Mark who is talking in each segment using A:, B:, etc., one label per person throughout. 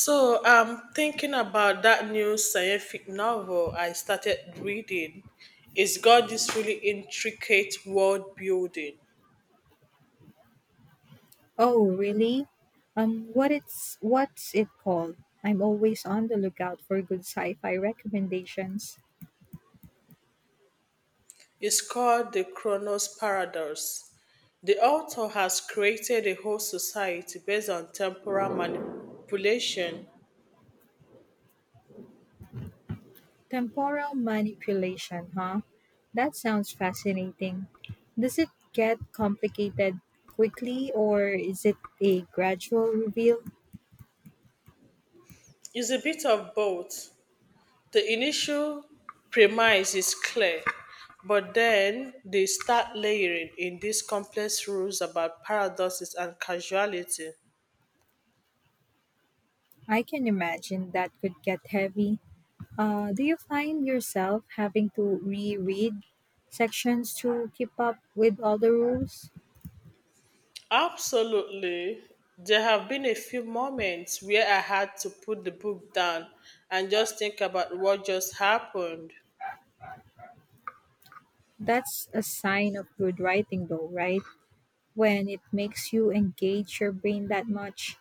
A: So I'm thinking about that new scientific novel I started reading. It's got this really intricate world building.
B: Oh, really? What's it called? I'm always on the lookout for good sci-fi recommendations.
A: It's called The Chronos Paradox. The author has created a whole society based on temporal manipulation.
B: Temporal manipulation, huh? That sounds fascinating. Does it get complicated quickly or is it a gradual reveal?
A: It's a bit of both. The initial premise is clear, but then they start layering in these complex rules about paradoxes and causality.
B: I can imagine that could get heavy. Do you find yourself having to reread sections to keep up with all the rules?
A: Absolutely. There have been a few moments where I had to put the book down and just think about what just happened.
B: That's a sign of good writing, though, right? When it makes you engage your brain that much.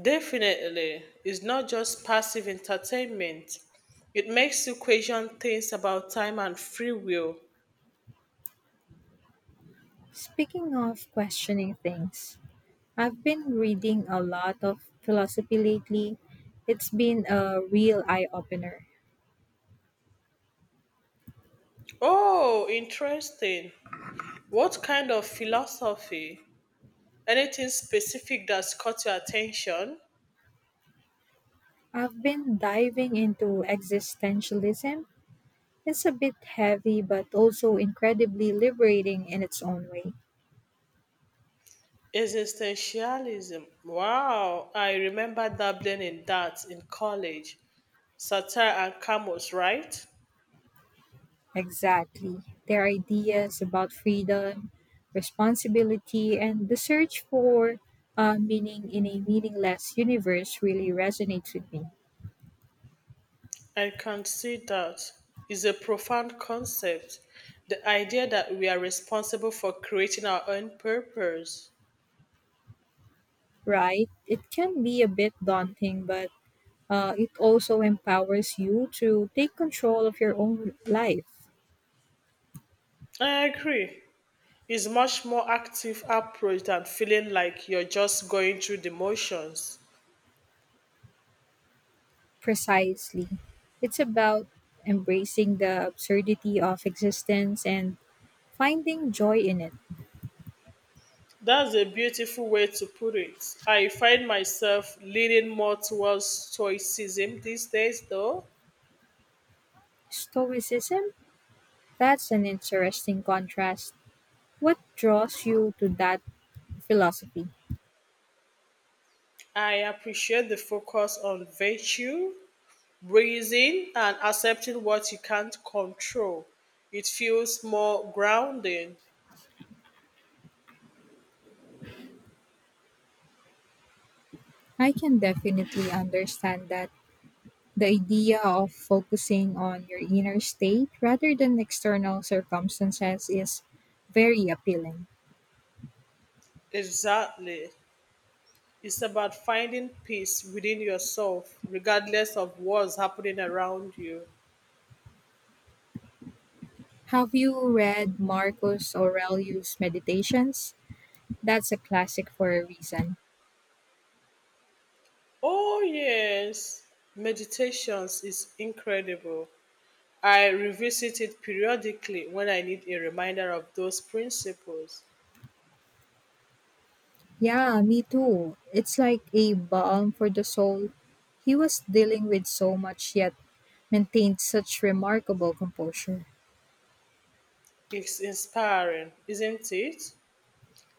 A: Definitely, it's not just passive entertainment. It makes you question things about time and free will.
B: Speaking of questioning things, I've been reading a lot of philosophy lately. It's been a real eye opener.
A: Oh, interesting. What kind of philosophy? Anything specific that's caught your attention?
B: I've been diving into existentialism. It's a bit heavy, but also incredibly liberating in its own way.
A: Existentialism. Wow, I remember dabbling in that in college. Satire and Camus, right?
B: Exactly. Their ideas about freedom, responsibility, and the search for meaning in a meaningless universe really resonates with me,
A: I can see that is a profound concept. The idea that we are responsible for creating our own purpose.
B: right? It can be a bit daunting, but it also empowers you to take control of your own life.
A: I agree. It's much more active approach than feeling like you're just going through the motions.
B: Precisely. It's about embracing the absurdity of existence and finding joy in it.
A: That's a beautiful way to put it. I find myself leaning more towards stoicism these days though.
B: Stoicism? That's an interesting contrast. What draws you to that philosophy?
A: I appreciate the focus on virtue, breathing and accepting what you can't control. It feels more grounding.
B: I can definitely understand that the idea of focusing on your inner state rather than external circumstances is very appealing.
A: Exactly. It's about finding peace within yourself, regardless of what's happening around you.
B: Have you read Marcus Aurelius' Meditations? That's a classic for a reason.
A: Oh, yes. Meditations is incredible. I revisit it periodically when I need a reminder of those principles.
B: Yeah, me too. It's like a balm for the soul. He was dealing with so much yet maintained such remarkable composure.
A: It's inspiring, isn't it,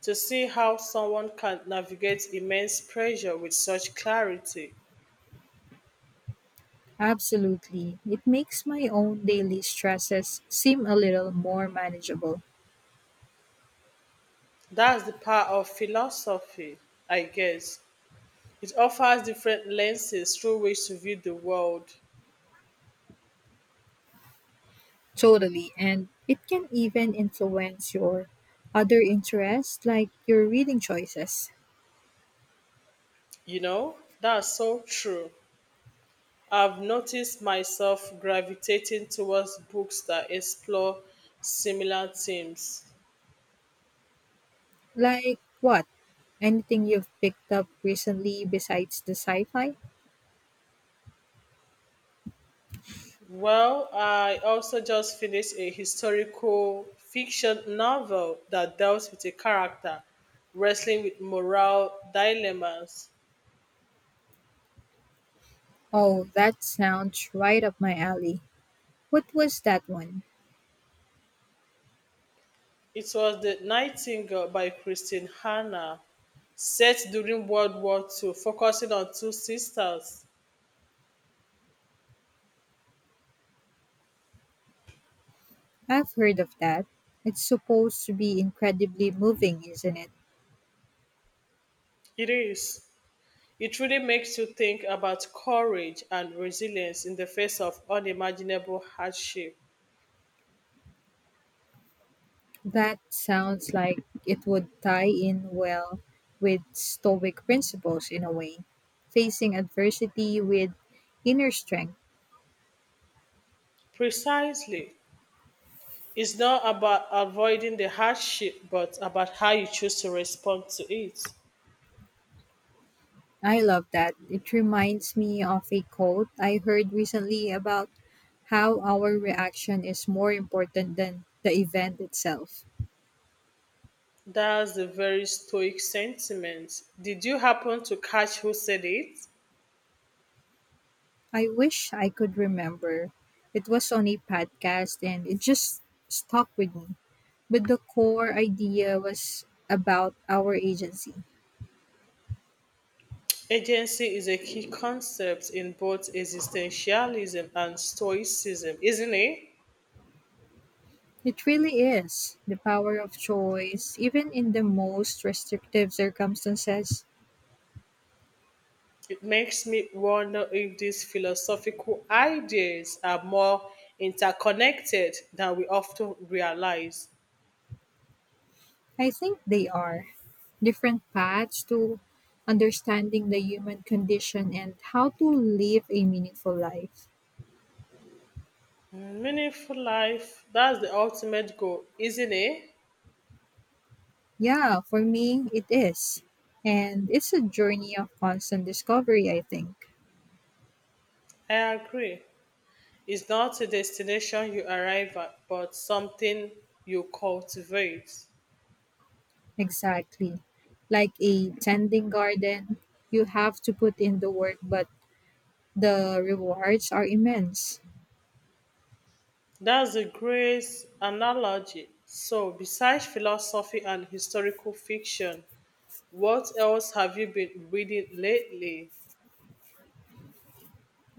A: to see how someone can navigate immense pressure with such clarity.
B: Absolutely. It makes my own daily stresses seem a little more manageable.
A: That's the power of philosophy, I guess. It offers different lenses through which to view the world.
B: Totally. And it can even influence your other interests, like your reading choices.
A: You know, that's so true. I've noticed myself gravitating towards books that explore similar themes.
B: Like what? Anything you've picked up recently besides the sci fi?
A: Well, I also just finished a historical fiction novel that dealt with a character wrestling with moral dilemmas.
B: Oh, that sounds right up my alley. What was that one?
A: It was The Nightingale by Christine Hanna, set during World War II, focusing on two sisters.
B: I've heard of that. It's supposed to be incredibly moving, isn't it?
A: It is. It really makes you think about courage and resilience in the face of unimaginable hardship.
B: That sounds like it would tie in well with Stoic principles in a way, facing adversity with inner strength.
A: Precisely. It's not about avoiding the hardship, but about how you choose to respond to it.
B: I love that. It reminds me of a quote I heard recently about how our reaction is more important than the event itself.
A: That's a very stoic sentiment. Did you happen to catch who said it?
B: I wish I could remember. It was on a podcast and it just stuck with me. But the core idea was about our agency.
A: Agency is a key concept in both existentialism and stoicism, isn't it?
B: It really is the power of choice, even in the most restrictive circumstances.
A: It makes me wonder if these philosophical ideas are more interconnected than we often realize.
B: I think they are different paths to understanding the human condition and how to live a meaningful life.
A: Meaningful life, that's the ultimate goal, isn't it?
B: Yeah, for me, it is. And it's a journey of constant discovery, I think.
A: I agree. It's not a destination you arrive at, but something you cultivate.
B: Exactly. Like a tending garden, you have to put in the work, but the rewards are immense.
A: That's a great analogy. So, besides philosophy and historical fiction, what else have you been reading lately?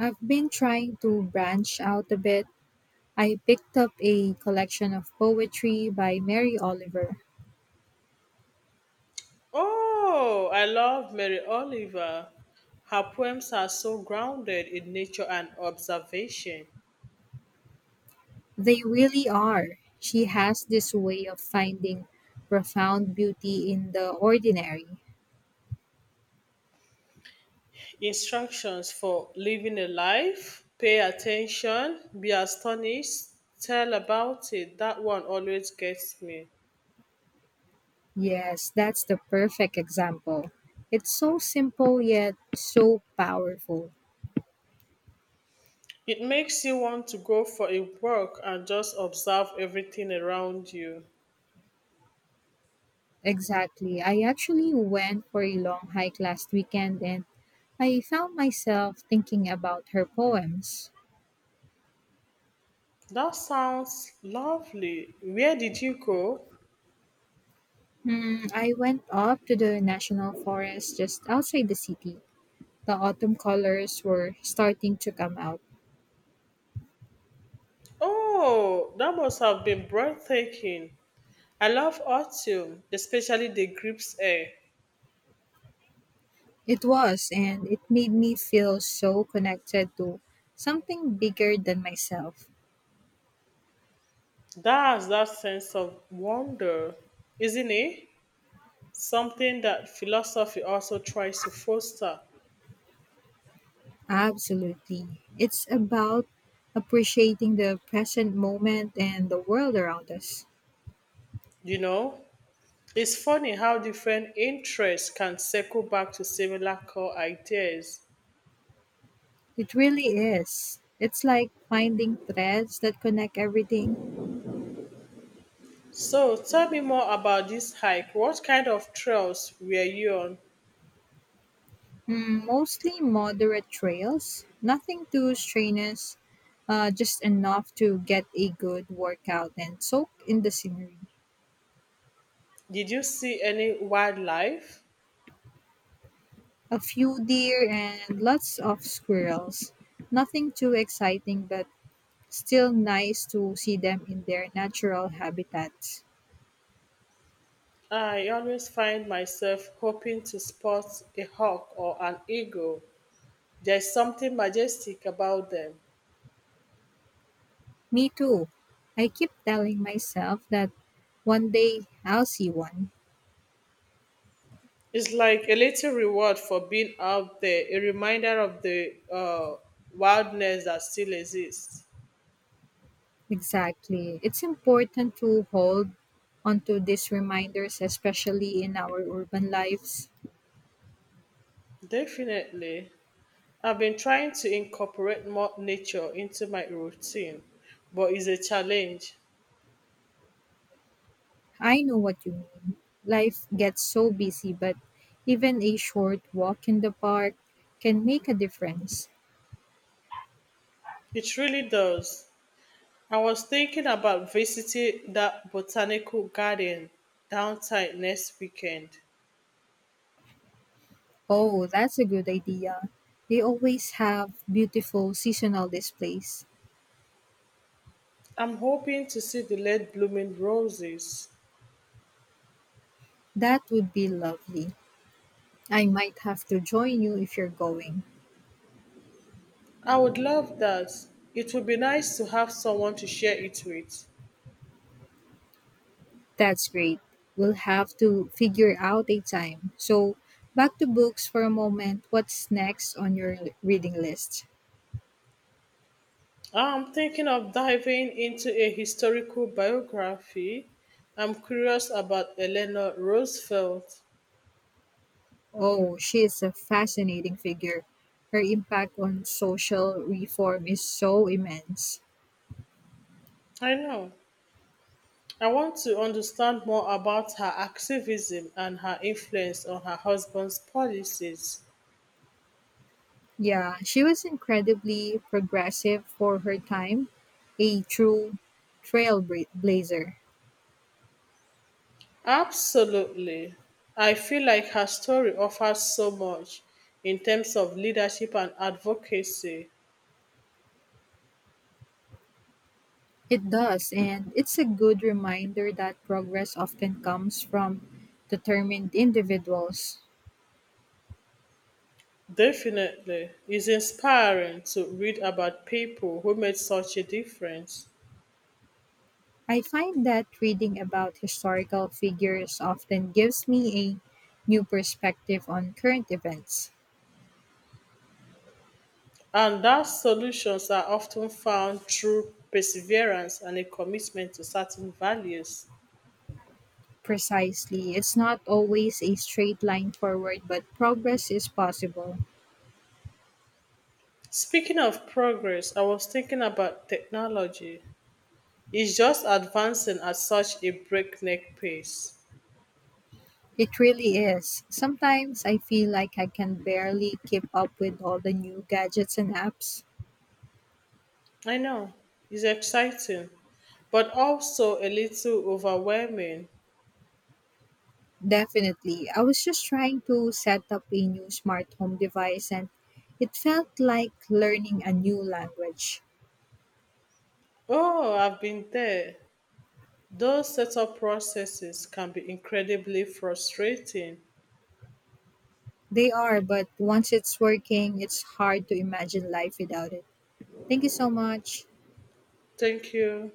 B: I've been trying to branch out a bit. I picked up a collection of poetry by Mary Oliver.
A: Oh, I love Mary Oliver. Her poems are so grounded in nature and observation.
B: They really are. She has this way of finding profound beauty in the ordinary.
A: Instructions for living a life, pay attention, be astonished, tell about it. That one always gets me.
B: Yes, that's the perfect example. It's so simple yet so powerful.
A: It makes you want to go for a walk and just observe everything around you.
B: Exactly. I actually went for a long hike last weekend and I found myself thinking about her poems.
A: That sounds lovely. Where did you go?
B: Hmm, I went up to the national forest just outside the city. The autumn colors were starting to come out.
A: Oh, that must have been breathtaking. I love autumn, especially the grapes air.
B: It was, and it made me feel so connected to something bigger than myself.
A: That's that sense of wonder, isn't it, something that philosophy also tries to foster.
B: Absolutely. It's about appreciating the present moment and the world around us.
A: You know, it's funny how different interests can circle back to similar core ideas.
B: It really is. It's like finding threads that connect everything.
A: So, tell me more about this hike. What kind of trails were you on?
B: Mm, mostly moderate trails, nothing too strenuous, just enough to get a good workout and soak in the scenery.
A: Did you see any wildlife?
B: A few deer and lots of squirrels. Nothing too exciting, but still nice to see them in their natural habitats.
A: I always find myself hoping to spot a hawk or an eagle. There's something majestic about them.
B: Me too. I keep telling myself that one day I'll see one.
A: It's like a little reward for being out there, a reminder of the wildness that still exists.
B: Exactly. It's important to hold onto these reminders, especially in our urban lives.
A: Definitely. I've been trying to incorporate more nature into my routine, but it's a challenge.
B: I know what you mean. Life gets so busy, but even a short walk in the park can make a difference.
A: It really does. I was thinking about visiting that botanical garden downtown next weekend.
B: Oh, that's a good idea. They always have beautiful seasonal displays.
A: I'm hoping to see the late blooming roses.
B: That would be lovely. I might have to join you if you're going.
A: I would love that. It would be nice to have someone to share it with.
B: That's great. We'll have to figure out a time. So, back to books for a moment. What's next on your reading list?
A: I'm thinking of diving into a historical biography. I'm curious about Eleanor Roosevelt.
B: Oh, she is a fascinating figure. Her impact on social reform is so immense.
A: I know. I want to understand more about her activism and her influence on her husband's policies.
B: Yeah, she was incredibly progressive for her time, a true trailblazer.
A: Absolutely. I feel like her story offers so much in terms of leadership and advocacy.
B: It does, and it's a good reminder that progress often comes from determined individuals.
A: Definitely. It's inspiring to read about people who made such a difference.
B: I find that reading about historical figures often gives me a new perspective on current events.
A: And those solutions are often found through perseverance and a commitment to certain values.
B: Precisely, it's not always a straight line forward, but progress is possible.
A: Speaking of progress, I was thinking about technology. It's just advancing at such a breakneck pace.
B: It really is. Sometimes I feel like I can barely keep up with all the new gadgets and apps.
A: I know, it's exciting, but also a little overwhelming.
B: Definitely. I was just trying to set up a new smart home device and it felt like learning a new language.
A: Oh, I've been there. Those setup processes can be incredibly frustrating.
B: They are, but once it's working, it's hard to imagine life without it. Thank you so much.
A: Thank you.